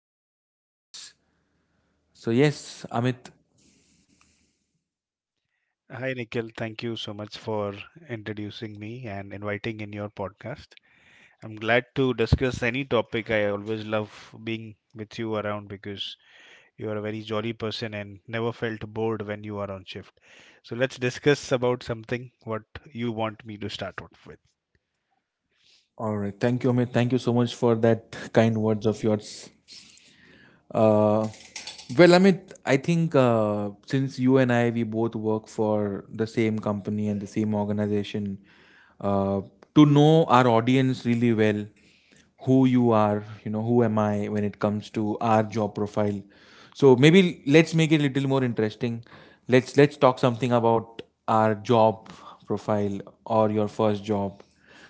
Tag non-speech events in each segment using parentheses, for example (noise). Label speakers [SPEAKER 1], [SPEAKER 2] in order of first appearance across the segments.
[SPEAKER 1] and certain topics. So yes, Amit.
[SPEAKER 2] Hi, Nikhil. Thank you so much for introducing me and inviting in your podcast. I'm glad to discuss any topic. I always love being with you around because you are a very jolly person and never felt bored when you are on shift. So let's discuss about something what you want me to start off with.
[SPEAKER 1] All right. Thank you, Amit. Thank you so much for that kind words of yours. Uh, well, Amit, I think since you and I, we both work for the same company and the same organization, uh, to know our audience really well, who you are, you know, who am I when it comes to our job profile. So maybe let's make it a little more interesting. Let's talk something about our job profile or your first job.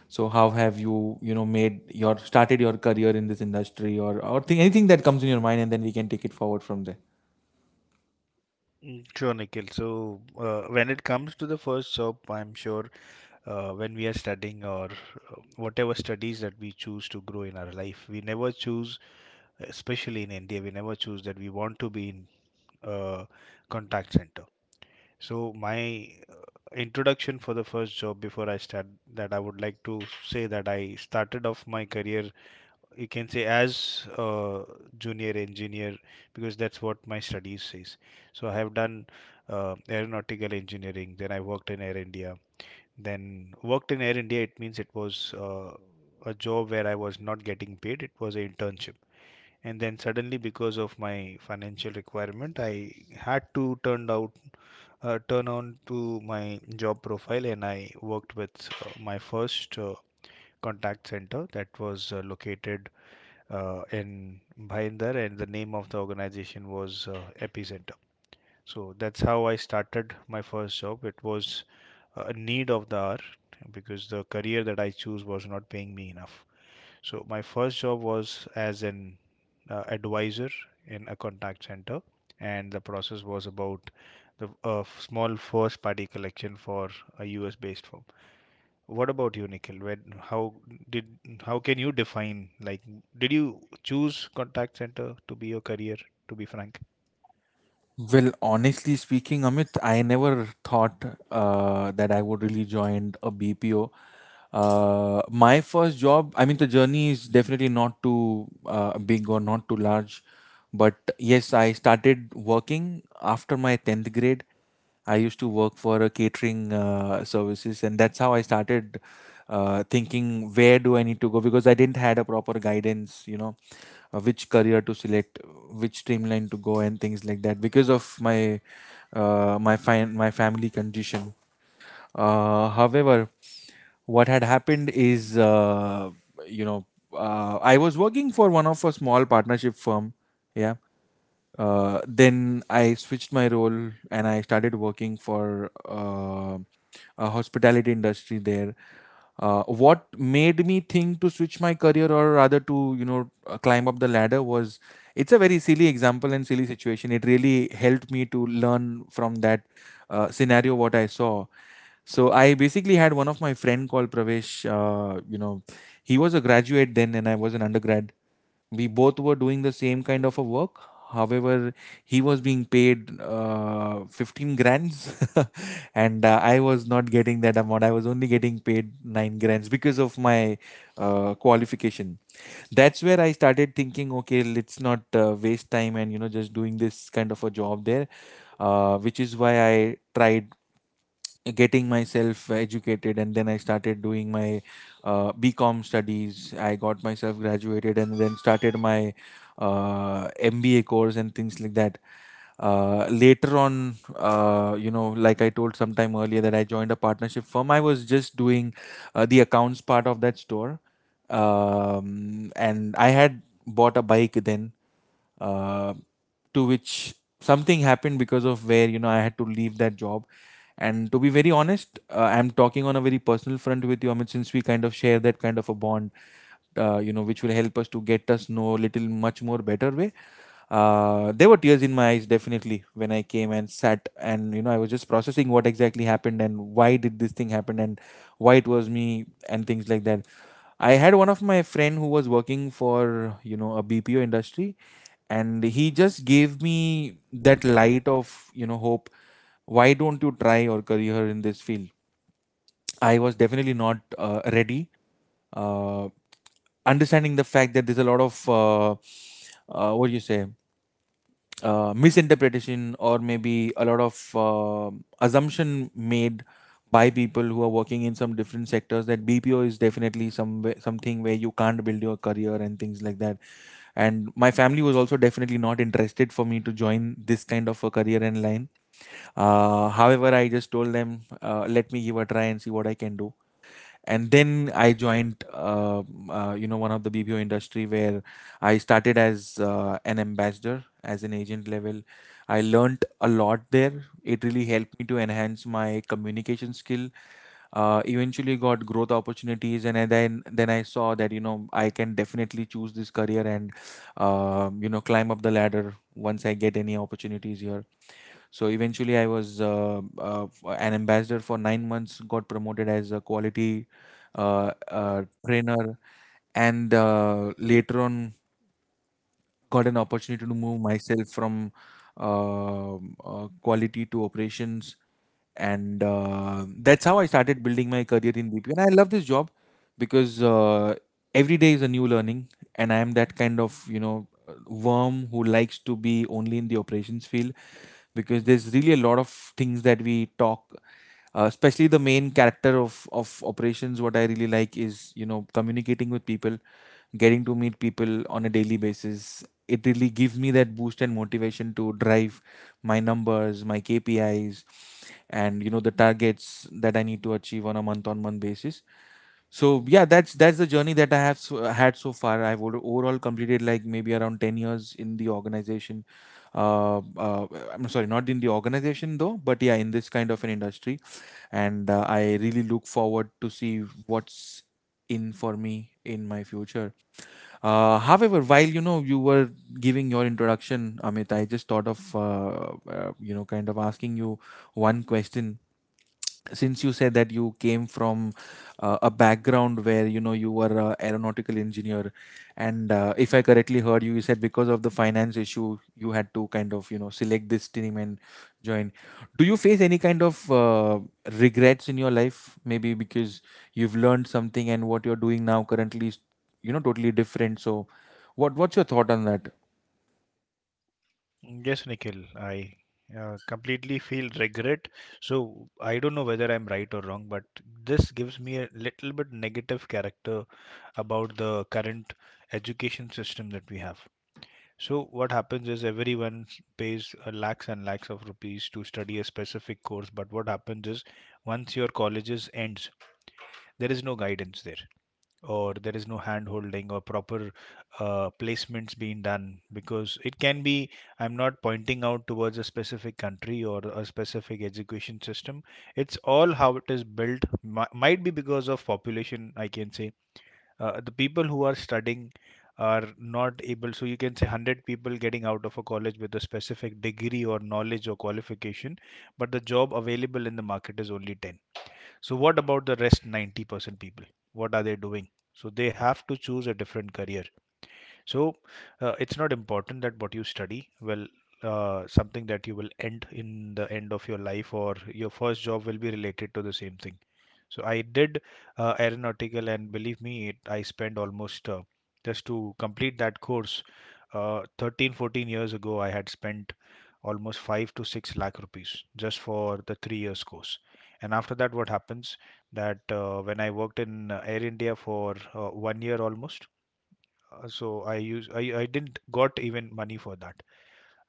[SPEAKER 1] So how have you, you know, made your started your career in this industry or thing, anything that comes in your mind and then we can take it forward from there.
[SPEAKER 2] Mm, sure, Nikhil. So when it comes to the first job, I'm sure when we are studying or whatever studies that we choose to grow in our life, we never choose, especially in India, we never choose that we want to be in a contact center. So my introduction for the first job, before I start that, I would like to say that I started off my career, you can say, as a junior engineer because that's what my studies says. So I have done aeronautical engineering, then I worked in Air India, It means it was a job where I was not getting paid. It was an internship, and then suddenly, because of my financial requirement, I had to turn out turn on to my job profile, and I worked with my first contact center that was located in Bhinder, and the name of the organization was Epicenter. So that's how I started my first job. It was a need of the hour because the career that I chose was not paying me enough. So my first job was as an advisor in a contact center, and the process was about the small first party collection for a US based firm. What about you, Nikhil? When how did, how can you define, like, did you choose contact center to be your career? To be frank.
[SPEAKER 1] Well, honestly speaking, Amit, I never thought that I would really join a BPO. My first job, I mean, the journey is definitely not too big or not too large, but yes, I started working after my 10th grade. I used to work for a catering services, and that's how I started thinking where do I need to go because I didn't had a proper guidance, you know, which career to select, which streamline to go, and things like that because of my my family condition. However, what had happened is, you know, I was working for one of a small partnership firm, yeah, then I switched my role and I started working for a hospitality industry there. What made me think to switch my career or rather to you know climb up the ladder was it's a very silly example and silly situation. It really helped me to learn from that scenario what I saw. So I basically had one of my friend called Pravesh. You know, he was a graduate then, and I was an undergrad. We both were doing the same kind of a work, however, he was being paid 15 grands (laughs) and I was not getting that amount. I was only getting paid 9 grands because of my qualification. That's where I started thinking, okay, let's not waste time and you know just doing this kind of a job there, which is why I tried getting myself educated and then I started doing my bcom studies. I got myself graduated and then started my mba course and things like that. Later on, you know, like I told sometime earlier that I joined a partnership firm, I was just doing the accounts part of that store, and I had bought a bike then, uh, to which something happened because of where you know I had to leave that job. And to be very honest, I'm talking on a very personal front with you, Amit, since we kind of share that kind of a bond, you know, which will help us to get us know little much more better way. There were tears in my eyes definitely when I came and sat and you know I was just processing what exactly happened and why did this thing happen and why it was me and things like that. I had one of my friend who was working for you know a BPO industry, and he just gave me that light of you know hope, why don't you try your career in this field. I was definitely not ready, uh, understanding the fact that there's a lot of what do you say, misinterpretation or maybe a lot of assumption made by people who are working in some different sectors that BPO is definitely some way, something where you can't build your career and things like that. And my family was also definitely not interested for me to join this kind of a career and line. However, I just told them, let me give a try and see what I can do, and then I joined, you know, one of the BPO industry where I started as an ambassador, as an agent level. I learned a lot there. It really helped me to enhance my communication skill. Eventually, got growth opportunities, and I then I saw that you know I can definitely choose this career and you know climb up the ladder once I get any opportunities here. So eventually, I was an ambassador for 9 months, got promoted as a quality trainer, and later on got an opportunity to move myself from quality to operations, and that's how I started building my career in BP, and I love this job because, every day is a new learning, and I am that kind of you know worm who likes to be only in the operations field because there's really a lot of things that we talk. Especially the main character of operations, what I really like is you know communicating with people, getting to meet people on a daily basis. It really gives me that boost and motivation to drive my numbers, my KPIs, and you know the targets that I need to achieve on a month-on-month basis. So yeah, that's the journey that I had so far. I've overall completed like maybe around 10 years in the organization. Uh, uh, I'm sorry, not in the organization though, but yeah, in this kind of an industry, and I really look forward to see what's in for me in my future. However, while you know you were giving your introduction, Amit, I just thought of you know kind of asking you one question. Since you said that you came from a background where you know you were an aeronautical engineer, and if I correctly heard you, you said because of the finance issue you had to kind of you know select this team and join, do you face any kind of regrets in your life maybe because you've learned something and what you're doing now currently is you know totally different, so what's your thought on that?
[SPEAKER 2] Yes, Nikhil, I completely feel regret. So I don't know whether I'm right or wrong, but this gives me a little bit negative character about the current education system that we have. So what happens is everyone pays lakhs and lakhs of rupees to study a specific course, but what happens is once your colleges ends, there is no guidance there or there is no hand holding or proper placements being done, because it can be, I'm not pointing out towards a specific country or a specific education system. It's all how it is built. Might be because of population, I can say. The people who are studying are not able, so you can say 100 people getting out of a college with a specific degree or knowledge or qualification, but the job available in the market is only 10. So what about the rest 90% people? What are they doing? So they have to choose a different career. So it's not important that what you study, well, something that you will end in the end of your life or your first job will be related to the same thing. So I did aeronautical, and believe me, it, I spent almost just to complete that course. 13, 14 years ago, I had spent almost five to six lakh rupees just for the 3 years course. And after that, what happens that when I worked in Air India for 1 year almost, so I didn't got even money for that.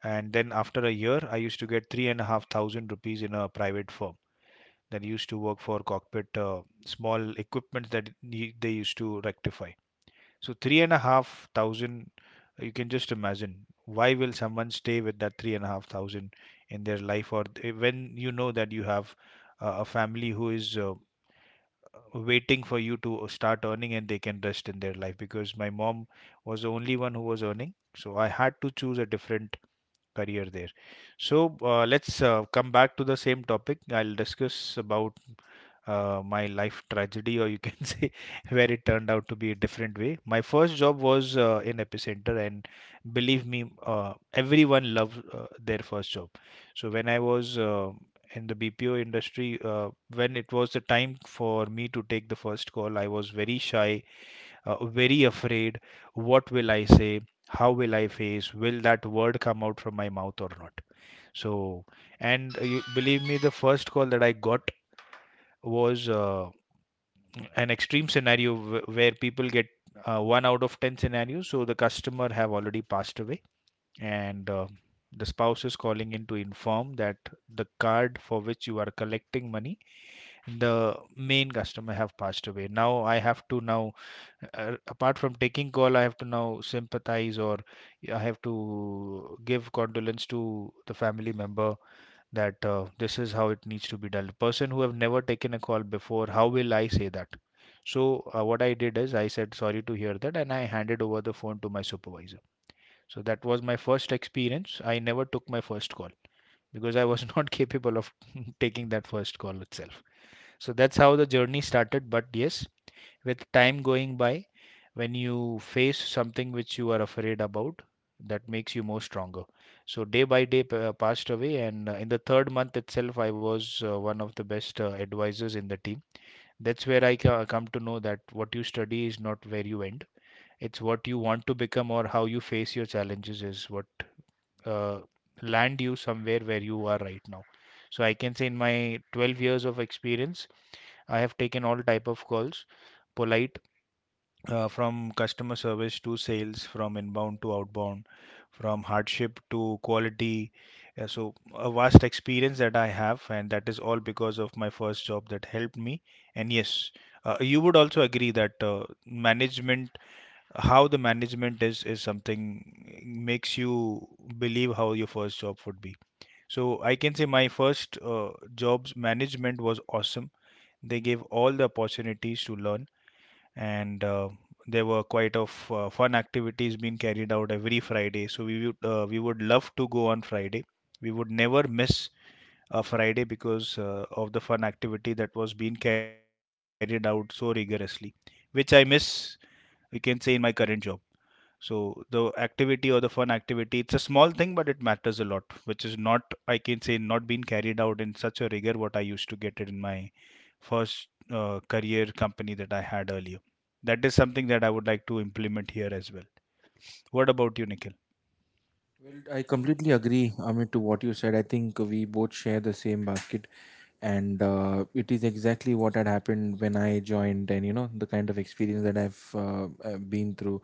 [SPEAKER 2] And then after a year, I used to get 3,500 rupees in a private firm that used to work for cockpit small equipment that they used to rectify. So 3,500, you can just imagine why will someone stay with that 3,500 in their life, or eh, when you know that you have a family who is waiting for you to start earning and they can rest in their life, because my mom was the only one who was earning, so I had to choose a different career there. So let's come back to the same topic. I'll discuss about my life tragedy, or you can (laughs) say where it turned out to be a different way. My first job was in Epicenter, and believe me, everyone loves their first job. So when I was in the BPO industry, when it was the time for me to take the first call, I was very shy, very afraid. What will I say? How will I face? Will that word come out from my mouth or not? So, and believe me, the first call that I got was an extreme scenario where people get one out of 10 scenarios, so the customer have already passed away, and the spouse is calling in to inform that the card for which you are collecting money, the main customer have passed away. Now I have to now, apart from taking call, I have to now sympathize, or I have to give condolence to the family member, that this is how it needs to be done. Person who have never taken a call before, how will I say that? So what I did is I said sorry to hear that, and I handed over the phone to my supervisor. So that was my first experience. I never took my first call because I was (laughs) not capable of (laughs) taking that first call itself. So that's how the journey started. But yes, with time going by, when you face something which you are afraid about, that makes you more stronger. So day by day passed away, and in the third month itself, I was one of the best advisors in the team. That's where I come to know that what you study is not where you end. It's what you want to become or how you face your challenges is what uh, land you somewhere where you are right now. So I can say in my 12 years of experience, I have taken all type of calls, polite, from customer service to sales, from inbound to outbound, from hardship to quality. So, a vast experience that I have, and that is all because of my first job that helped me. And yes, you would also agree that management, how the management is something makes you believe how your first job would be. So, I can say my first job's management was awesome. They gave all the opportunities to learn, and there were quite of fun activities being carried out every Friday. So we would love to go on Friday. We would never miss a Friday because of the fun activity that was being carried out so rigorously, which I miss. You can say in my current job. So the activity or the fun activity, it's a small thing, but it matters a lot, which is not, I can say, not being carried out in such a rigor what I used to get it in my first career company that I had earlier. That is something that I would like to implement here as well. What about you, Nikhil?
[SPEAKER 1] Well, I completely agree, Amit, to what you said. I think we both share the same basket, and it is exactly what had happened when I joined, and you know the kind of experience that I've been through.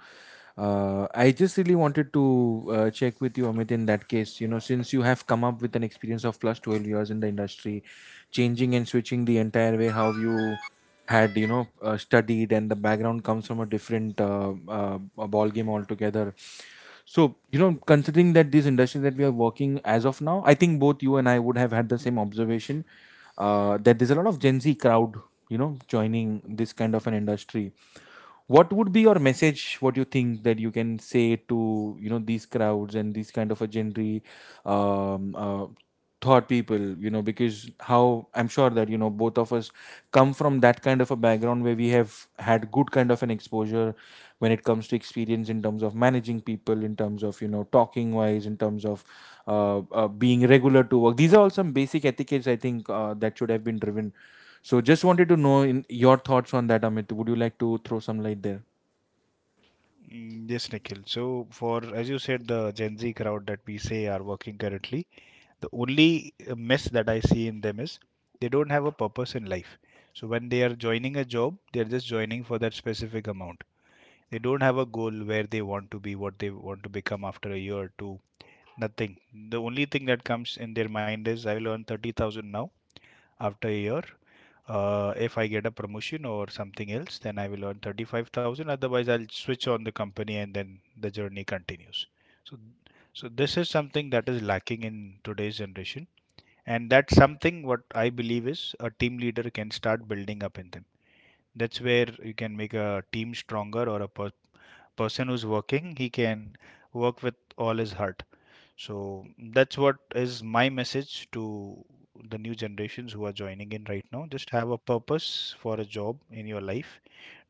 [SPEAKER 1] I just really wanted to check with you, Amit. In that case, you know, since you have come up with an experience of plus 12 years in the industry, changing and switching the entire way how you had you know studied and the background comes from a different a ball game altogether, so you know considering that these industries that we are working as of now, I think both you and I would have had the same observation, that there's a lot of Gen Z crowd you know joining this kind of an industry. What would be your message, what you think that you can say to you know these crowds and these kind of a genre, um, uh, thought people, you know, because how I'm sure that you know both of us come from that kind of a background where we have had good kind of an exposure when it comes to experience in terms of managing people, in terms of you know talking wise, in terms of being regular to work. These are all some basic etiquettes, I think, that should have been driven. So just wanted to know in your thoughts on that, Amit, would you like to throw some light there?
[SPEAKER 2] Mm, yes, Nikhil. So, for as you said, the Gen Z crowd that we say are working currently, the only mess that I see in them is they don't have a purpose in life. So, when they are joining a job, they are just joining for that specific amount. They don't have a goal where they want to be, what they want to become after a year or two, nothing. The only thing that comes in their mind is, I will earn 30,000 now, after a year. If I get a promotion or something else, then I will earn 35,000. Otherwise, I'll switch on the company and then the journey continues. So, so, this is something that is lacking in today's generation. And that's something what I believe is a team leader can start building up in them. That's where you can make a team stronger, or a person who's working, he can work with all his heart. So that's what is my message to the new generations who are joining in right now. Just have a purpose for a job in your life.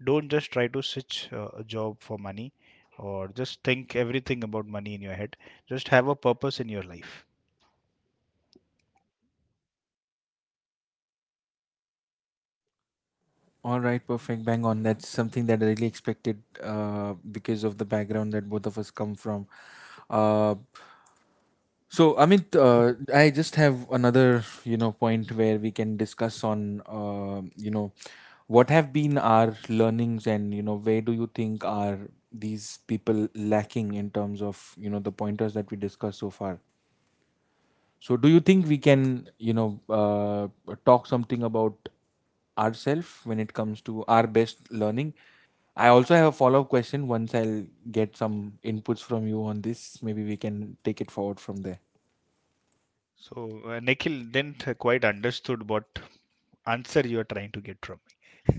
[SPEAKER 2] Don't just try to switch a job for money or just think everything about money in your head. Just have a purpose in your life.
[SPEAKER 1] All right, perfect, bang on. That's something that I really expected because of the background that both of us come from. Uh, So, Amit, I just have another, you know, point where we can discuss on, you know, what have been our learnings and, you know, where do you think are these people lacking in terms of, you know, the pointers that we discussed so far? So, do you think we can, you know, talk something about ourselves when it comes to our best learning? I also have a follow up question. Once I'll get some inputs from you on this, maybe we can take it forward from there.
[SPEAKER 2] So Nikhil, didn't quite understood what answer you are trying to get from me.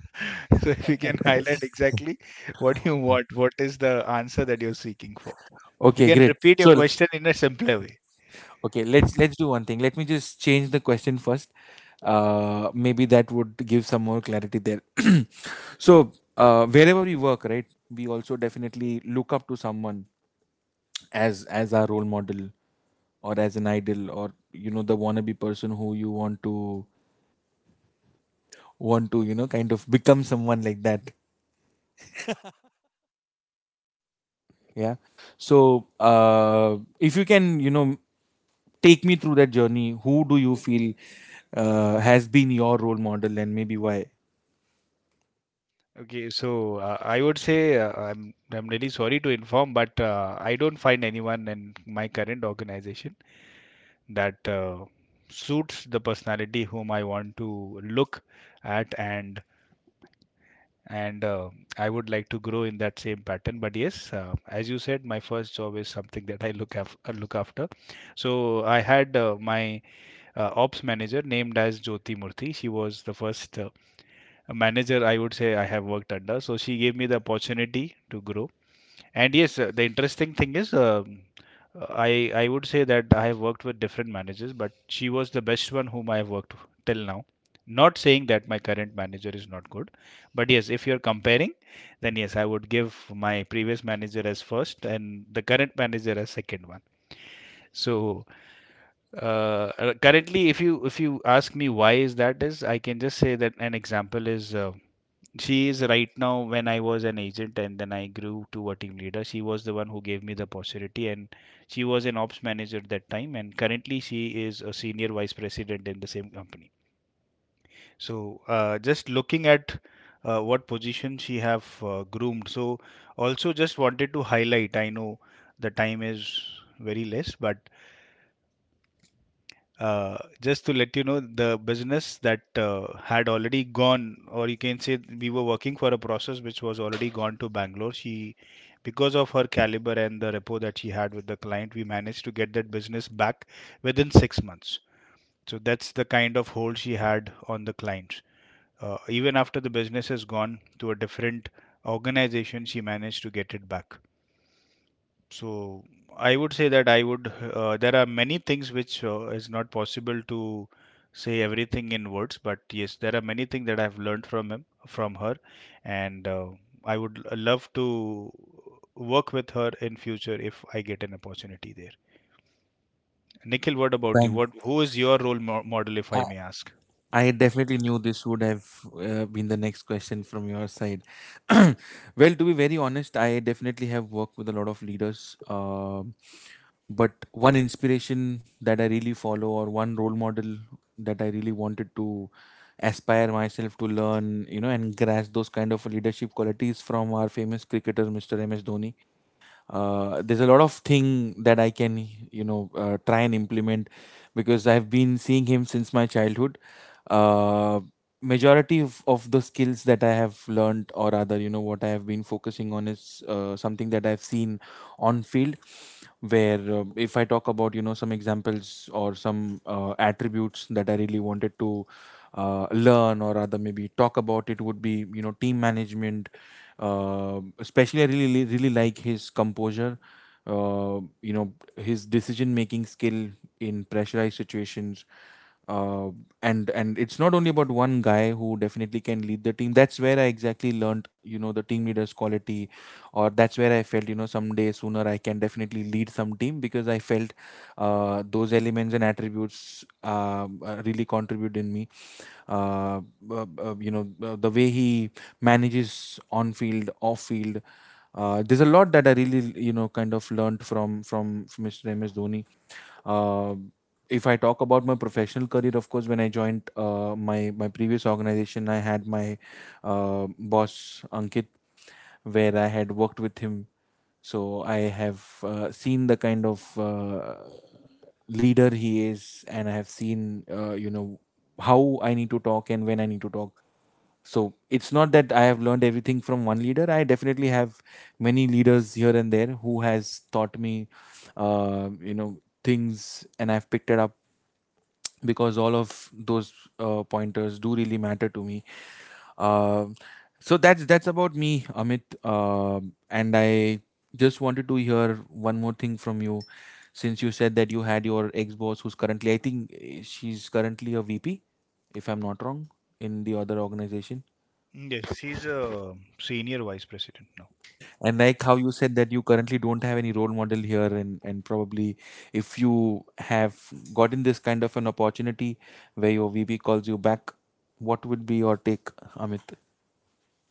[SPEAKER 2] (laughs) So if you can highlight exactly what you want, what is the answer that you're seeking for? If you
[SPEAKER 1] Okay,
[SPEAKER 2] can
[SPEAKER 1] great.
[SPEAKER 2] repeat your
[SPEAKER 1] So,
[SPEAKER 2] question in a simpler way.
[SPEAKER 1] okay, let's do one thing. Let me just change the question first. Maybe that would give some more clarity there. (clears throat) So, wherever we work, right, we also definitely look up to someone as our role model or as an idol or the wannabe person who you want to kind of become someone like that. Yeah. So, if you can, take me through that journey. Who do you feel has been your role model and maybe why?
[SPEAKER 2] I would say I'm really sorry to inform, but I don't find anyone in my current organization that suits the personality whom I want to look at and I would like to grow in that same pattern. But yes, as you said, my first job is something that I look after. So I had my ops manager named as Jyoti Murthy. She was the first manager I would say I have worked under. So she gave me the opportunity to grow. And yes, the interesting thing is, I I would say that I have worked with different managers, but she was the best one whom I have worked till now. Not saying that my current manager is not good, but yes, if you're comparing, then yes, I would give my previous manager as first and the current manager as second one. So, currently, if you ask me why is that is, I can just say that an example is. She is right now when I was an agent and then I grew to a team leader. She was the one who gave me the possibility, and she was an ops manager at that time and currently she is a senior vice president in the same company. So just looking at what position she have groomed. So also just wanted to highlight, I know the time is very less, but just to let you know, the business that had already gone, or you can say we were working for a process which was already gone to Bangalore. She, because of her caliber and the rapport that she had with the client, we managed to get that business back within six months. So that's the kind of hold she had on the clients. Even after the business has gone to a different organization, she managed to get it back. So I would say that I would. There are many things which is not possible to say everything in words, but yes, there are many things that I've learned from him, from her, and I would love to work with her in future if I get an opportunity there. Nikhil, what about you?
[SPEAKER 1] Thanks.
[SPEAKER 2] What Who is your role mo model, if
[SPEAKER 1] I
[SPEAKER 2] I may ask?
[SPEAKER 1] I definitely knew this would have been the next question from your side. (clears throat) Well, to be very honest, I definitely have worked with a lot of leaders. But one inspiration that I really follow, or one role model that I really wanted to aspire myself to learn, and grasp those kind of leadership qualities, from our famous cricketer, Mr. M. S. Dhoni. There's a lot of thing that I can try and implement, because I've been seeing him since my childhood. uh, Majority of the skills that I have learned, or rather what I have been focusing on, is something that I've seen on field, where if I talk about some examples or some attributes that I really wanted to learn, or rather maybe talk about, it would be team management. Especially I really really like his composure, his decision making skill in pressurized situations. Uh, and and it's not only about one guy who definitely can lead the team. That's where I exactly learned the team leader's quality, or that's where I felt someday sooner I can definitely lead some team, because I felt those elements and attributes really contribute in me. uh, the way he manages on field, off field, there's a lot that I really kind of learned from from Mr. M.S. dhoni. uh, if I talk about my professional career, of course, when I joined my previous organization, I had my boss Ankit, where I had worked with him. So I have seen the kind of leader he is, and I have seen how I need to talk and when I need to talk. So it's not that I have learned everything from one leader. I definitely have many leaders here and there who has taught me things, and I've picked it up, because all of those pointers do really matter to me. Uh, so that's about me, Amit. And I just wanted to hear one more thing from you. Since you said that you had your ex-boss, who's currently, I think she's currently a VP, if I'm not wrong, in the other organization.
[SPEAKER 2] Yes, he's a senior vice president now.
[SPEAKER 1] And like how you said that you currently don't have any role model here, and probably if you have gotten this kind of an opportunity where your VP calls you back, what would be your take, Amit?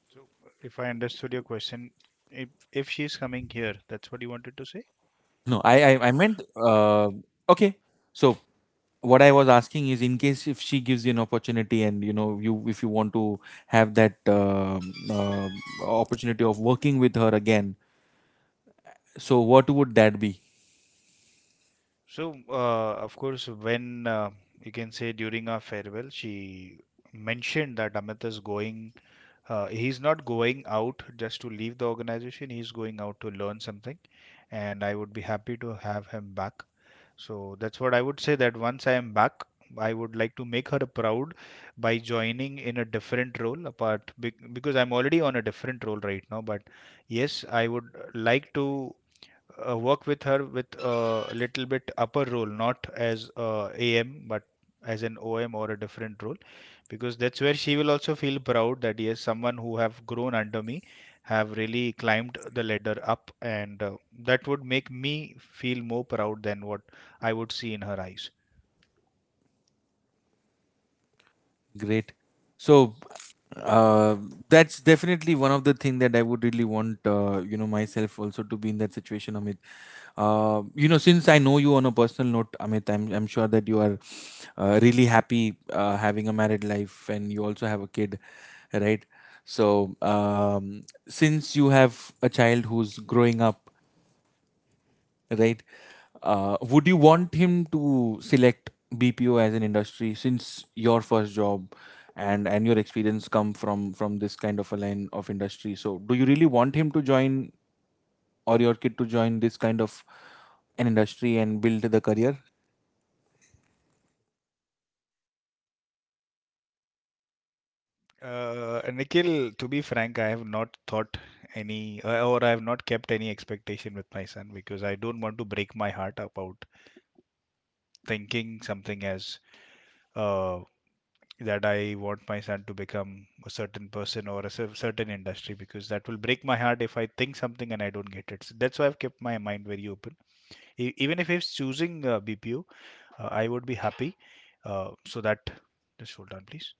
[SPEAKER 2] So if I understood your question, if she's coming here, that's what you wanted to say?
[SPEAKER 1] No, I meant, okay. So what I was asking is, in case if she gives you an opportunity and, you, if you want to have that opportunity of working with her again, so what would that be?
[SPEAKER 2] So, of course, when you can say during our farewell, she mentioned that Amit is going, he's not going out just to leave the organization, he's going out to learn something, and I would be happy to have him back. So, that's what I would say that once I am back, I would like to make her proud by joining in a different role apart because I'm already on a different role right now. But yes, I would like to work with her with a little bit upper role, not as a AM, but as an OM or a different role, because that's where she will also feel proud that yes, someone who have grown under me have really climbed the ladder up, and that would make me feel more proud than what I would see in her eyes.
[SPEAKER 1] Great. So uh, that's definitely one of the thing that I would really want, myself also to be in that situation, Amit. You know, since I know you on a personal note, Amit, I'm sure that you are really happy having a married life, and you also have a kid, right? So, since you have a child who's growing up, right? Would you want him to select BPO as an industry, since your first job and your experience come from this kind of a line of industry? So do you really want him to join, or your kid to join, this kind of an industry and build the career?
[SPEAKER 2] Nikhil, to be frank, I have not thought any, or I have not kept any expectation with my son because I don't want to break my heart about thinking something as uh, that I want my son to become a certain person or a certain industry because that will break my heart if I think something and I don't get it. So that's why I've kept my mind very open. Even if he's choosing BPO, I would be happy. So that, just hold on, please.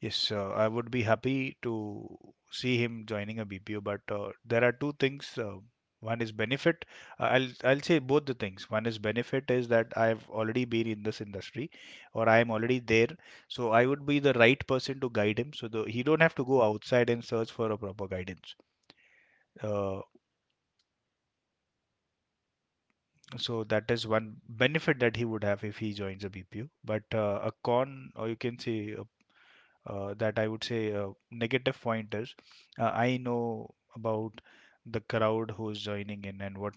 [SPEAKER 2] Yes, I would be happy to see him joining a BPO, but there are two things. One is benefit. I'll say both the things. One is benefit is that I've already been in this industry, or I am already there, so I would be the right person to guide him. So the, he don't have to go outside and search for a proper guidance. Uh, so that is one benefit that he would have if he joins a BPO. But a con, or you can say a that I would say negative point is I know about the crowd who's joining in and what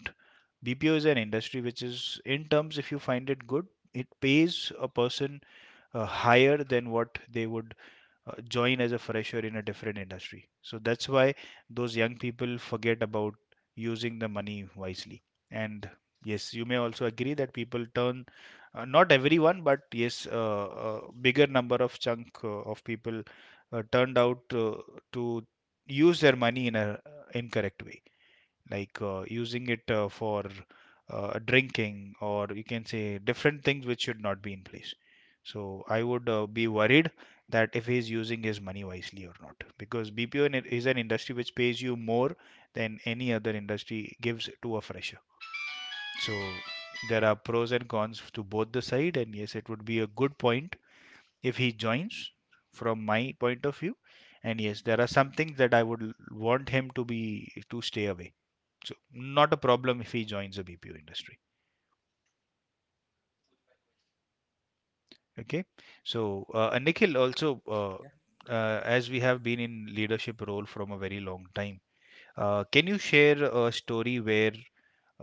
[SPEAKER 2] BPO is an industry which is in terms if you find it good it pays a person higher than what they would join as a fresher in a different industry. So that's why those young people forget about using the money wisely. And yes, you may also agree that people turn, not everyone, but yes, a bigger number of chunk of people turned out to use their money in a incorrect way like using it for drinking or you can say different things which should not be in place. So I would be worried that if he's using his money wisely or not, because BPO is an industry which pays you more than any other industry gives to a fresher. So there are pros and cons to both the side, and yes, it would be a good point if he joins from my point of view, and yes, there are some things that I would want him to be, to stay away. So not a problem if he joins the BPO industry. Okay, so Nikhil also, as we have been in leadership role from a very long time, can you share a story where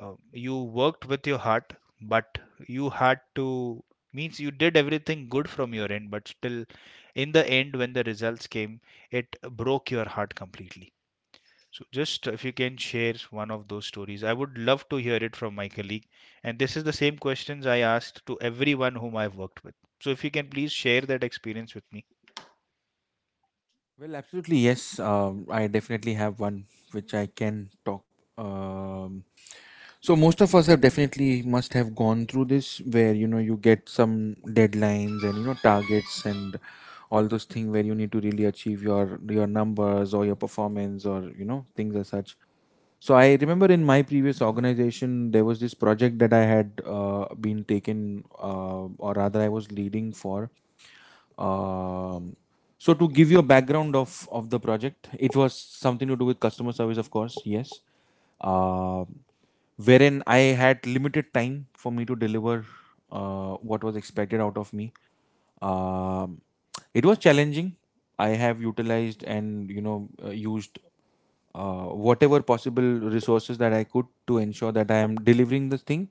[SPEAKER 2] you worked with your heart but you had to, means you did everything good from your end, but still in the end when the results came, it broke your heart completely? So just if you can share one of those stories, I would love to hear it from my colleague. And this is the same questions I asked to everyone whom I've worked with. So if you can please share that experience with me.
[SPEAKER 1] Well, absolutely yes. I definitely have one which I can talk. um So most of us have definitely must have gone through this, where you get some deadlines and targets and all those things where you need to really achieve your numbers or your performance or things as such. So I remember in my previous organization there was this project that I had been taken, or rather I was leading for. Um, so to give you a background of the project, it was something to do with customer service, of course. Yes. Um Wherein I had limited time for me to deliver what was expected out of me. Um, it was challenging. I have utilized and used whatever possible resources that I could, to ensure that I am delivering this thing,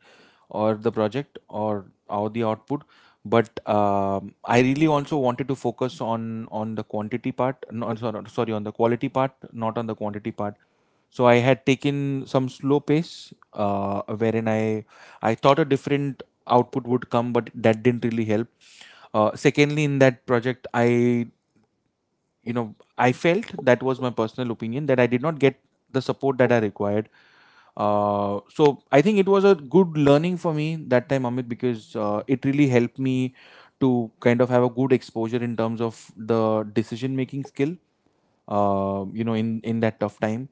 [SPEAKER 1] or the project, or the output. But, I really also wanted to focus on the quantity part. No, sorry, sorry, on the quality part, not on the quantity part. So I had taken some slow pace, wherein I thought a different output would come, but that didn't really help. Secondly, in that project, I you know I felt, that was my personal opinion, that I did not get the support that I required. So I think it was a good learning for me that time, Amit, because it really helped me to kind of have a good exposure in terms of the decision making skill in that tough time.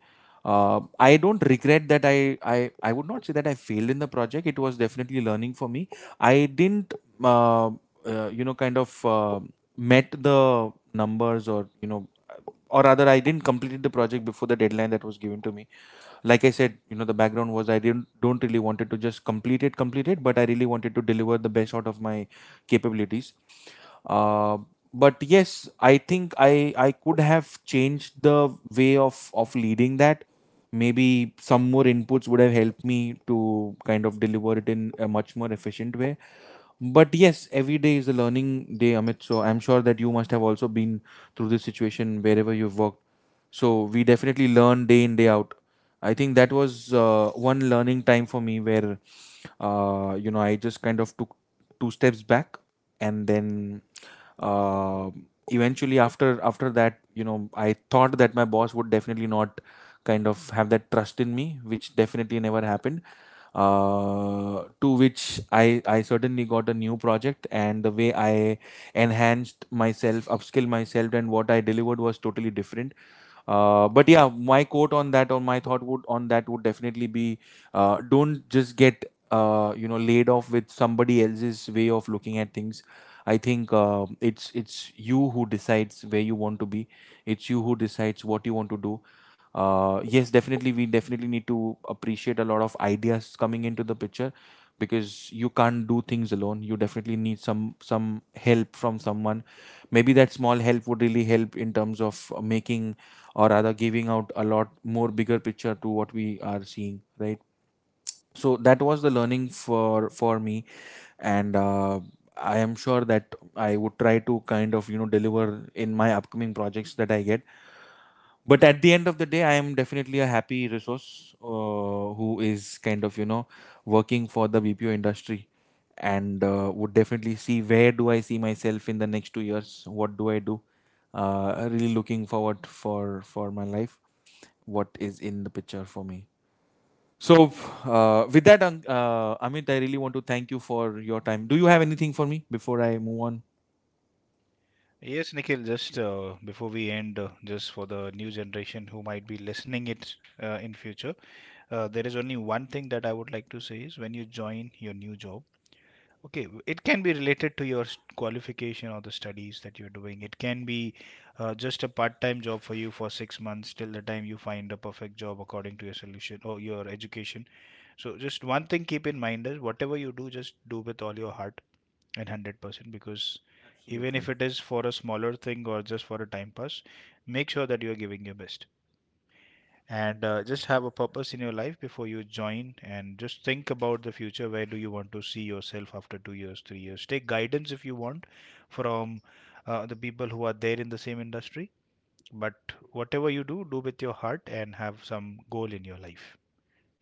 [SPEAKER 1] I don't regret that. I would not say that I failed in the project. It was definitely learning for me. I didn't uh, kind of met the numbers, or or rather I didn't complete the project before the deadline that was given to me. Like I said, the background was, I didn't don't really wanted to just complete it, but I really wanted to deliver the best out of my capabilities. uh, but yes, I think I could have changed the way of leading that. Maybe some more inputs would have helped me to kind of deliver it in a much more efficient way. But yes, every day is a learning day, Amit. So I'm sure that you must have also been through this situation wherever you've worked. So we definitely learn day in day out. I think that was one learning time for me, where I just kind of took two steps back, and then, uh, eventually, after that, I thought that my boss would definitely not kind of have that trust in me, which definitely never happened, to which I certainly got a new project, and the way I enhanced myself, upskilled myself, and what I delivered was totally different. But yeah, my quote on that, or my thought would on that would definitely be, don't just get laid off with somebody else's way of looking at things. I think it's you who decides where you want to be. It's you who decides what you want to do. Yes, definitely we definitely need to appreciate a lot of ideas coming into the picture, because you can't do things alone. You definitely need some help from someone. Maybe that small help would really help in terms of making, or rather giving out, a lot more bigger picture to what we are seeing, right. So that was the learning for me. And, I am sure that I would try to kind of deliver in my upcoming projects that I get. But at the end of the day, I am definitely a happy resource, who is kind of working for the BPO industry. And, would definitely see where do I see myself in the next 2 years, what do I do. Really looking forward for my life, what is in the picture for me. So, with that, Amit, I really want to thank you for your time. Do you have anything for me before I move on?
[SPEAKER 2] Yes, Nikhil, just before we end, just for the new generation who might be listening it in future, there is only one thing that I would like to say is when you join your new job, okay, it can be related to your qualification or the studies that you're doing. It can be just a part-time job for you for six months till the time you find a perfect job according to your solution or your education. So just one thing keep in mind is whatever you do, just do with all your heart and 100%, because even if
[SPEAKER 1] Absolutely.
[SPEAKER 2] it is for a smaller thing or just for a time pass, make sure that you are giving your best, and just have a purpose in your life before you join, and just think about the future, where do you want to see yourself after two years, three years. Take guidance if you want from the people who are there in the same industry, but whatever you do, do with your heart and have some goal in your life.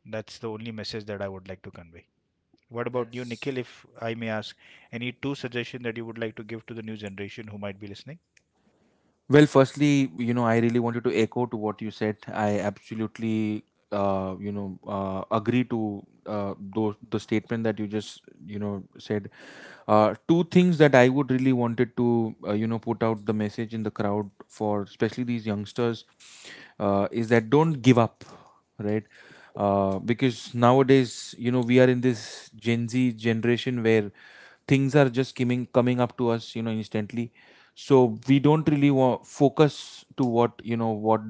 [SPEAKER 2] That's the only message that I would like to convey. What about you, Yes.
[SPEAKER 1] That's
[SPEAKER 2] Nikhil, if I may ask? Any two suggestions that you would like to give to the new generation who might be listening?
[SPEAKER 1] Well, firstly, I really wanted to echo to what you said. I absolutely, agree to those the statement that you just, said. Two things that I would really wanted to put out the message in the crowd for, especially these youngsters, is that don't give up, right? Because nowadays, we are in this Gen Z generation, where things are just coming up to us, instantly. So we don't really want focus to what, what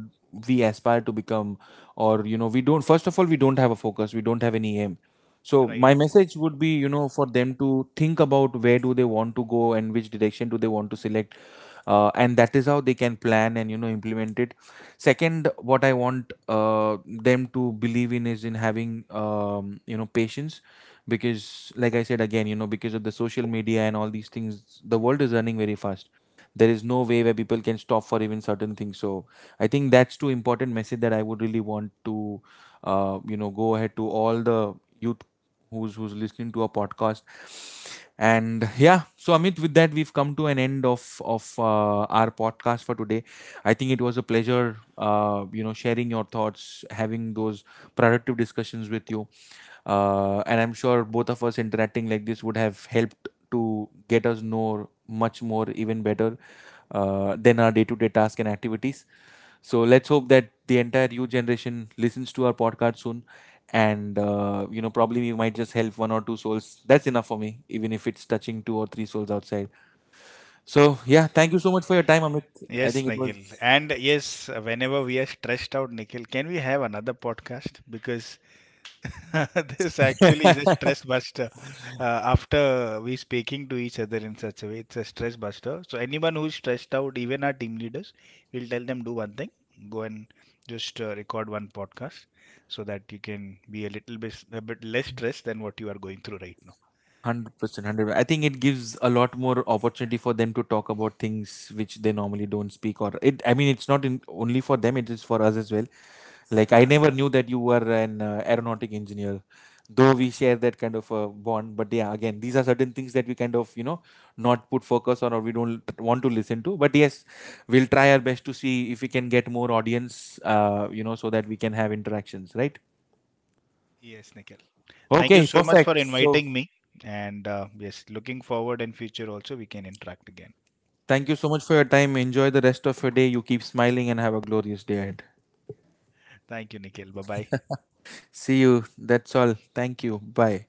[SPEAKER 1] we aspire to become. Or, we don't, first of all, we don't have a focus. We don't have any aim. So
[SPEAKER 2] Right.
[SPEAKER 1] my message would be, for them to think about where do they want to go and which direction do they want to select. And that is how they can plan and implement it. Second, what I want them to believe in is in having, patience, because like I said again, because of the social media and all these things, the world is running very fast. There is no way where people can stop for even certain things. So I think that's too important message that I would really want to go ahead, to all the youth who's listening to our podcast. And yeah, so Amit, with that we've come to an end of our podcast for today. I think it was a pleasure, sharing your thoughts, having those productive discussions with you. And I'm sure both of us interacting like this would have helped to get us know much more, even better, than our day to day tasks and activities. So let's hope that the entire youth generation listens to our podcast soon. And, probably we might just help one or two souls. That's enough for me, even if it's touching two or three souls outside. So yeah, thank you so much for your time, Amit. I
[SPEAKER 2] Yes,
[SPEAKER 1] think it
[SPEAKER 2] Nikhil.
[SPEAKER 1] was
[SPEAKER 2] And yes, whenever we are stressed out, Nikhil, can we have another podcast? Because (laughs) this actually is a stress buster. After we speaking to each other in such a way, it's a stress buster. So anyone who's stressed out, even our team leaders, we'll tell them do one thing, go and just record one podcast, so that you can be a little bit a bit less stressed than what you are going through right now.
[SPEAKER 1] 100%, 100. I think it gives a lot more opportunity for them to talk about things which they normally don't speak, or it, I mean, it's not in, only for them, it is for us as well. Like I never knew that you were an aeronautic engineer, though we share that kind of a bond. But yeah, again these are certain things that we kind of not put focus on, or we don't want to listen to, but yes, we'll try our best to see if we can get more audience, so that we can have interactions, right.
[SPEAKER 2] Yes, Nikhil. Thank you
[SPEAKER 1] Okay,
[SPEAKER 2] so much
[SPEAKER 1] perfect.
[SPEAKER 2] for inviting me. And yes, looking forward in future also we can interact again.
[SPEAKER 1] Thank you so much for your time. Enjoy the rest of your day. You keep smiling and have a glorious day ahead.
[SPEAKER 2] Thank you, Nikhil. Bye bye.
[SPEAKER 1] See you. That's all. Thank you. Bye.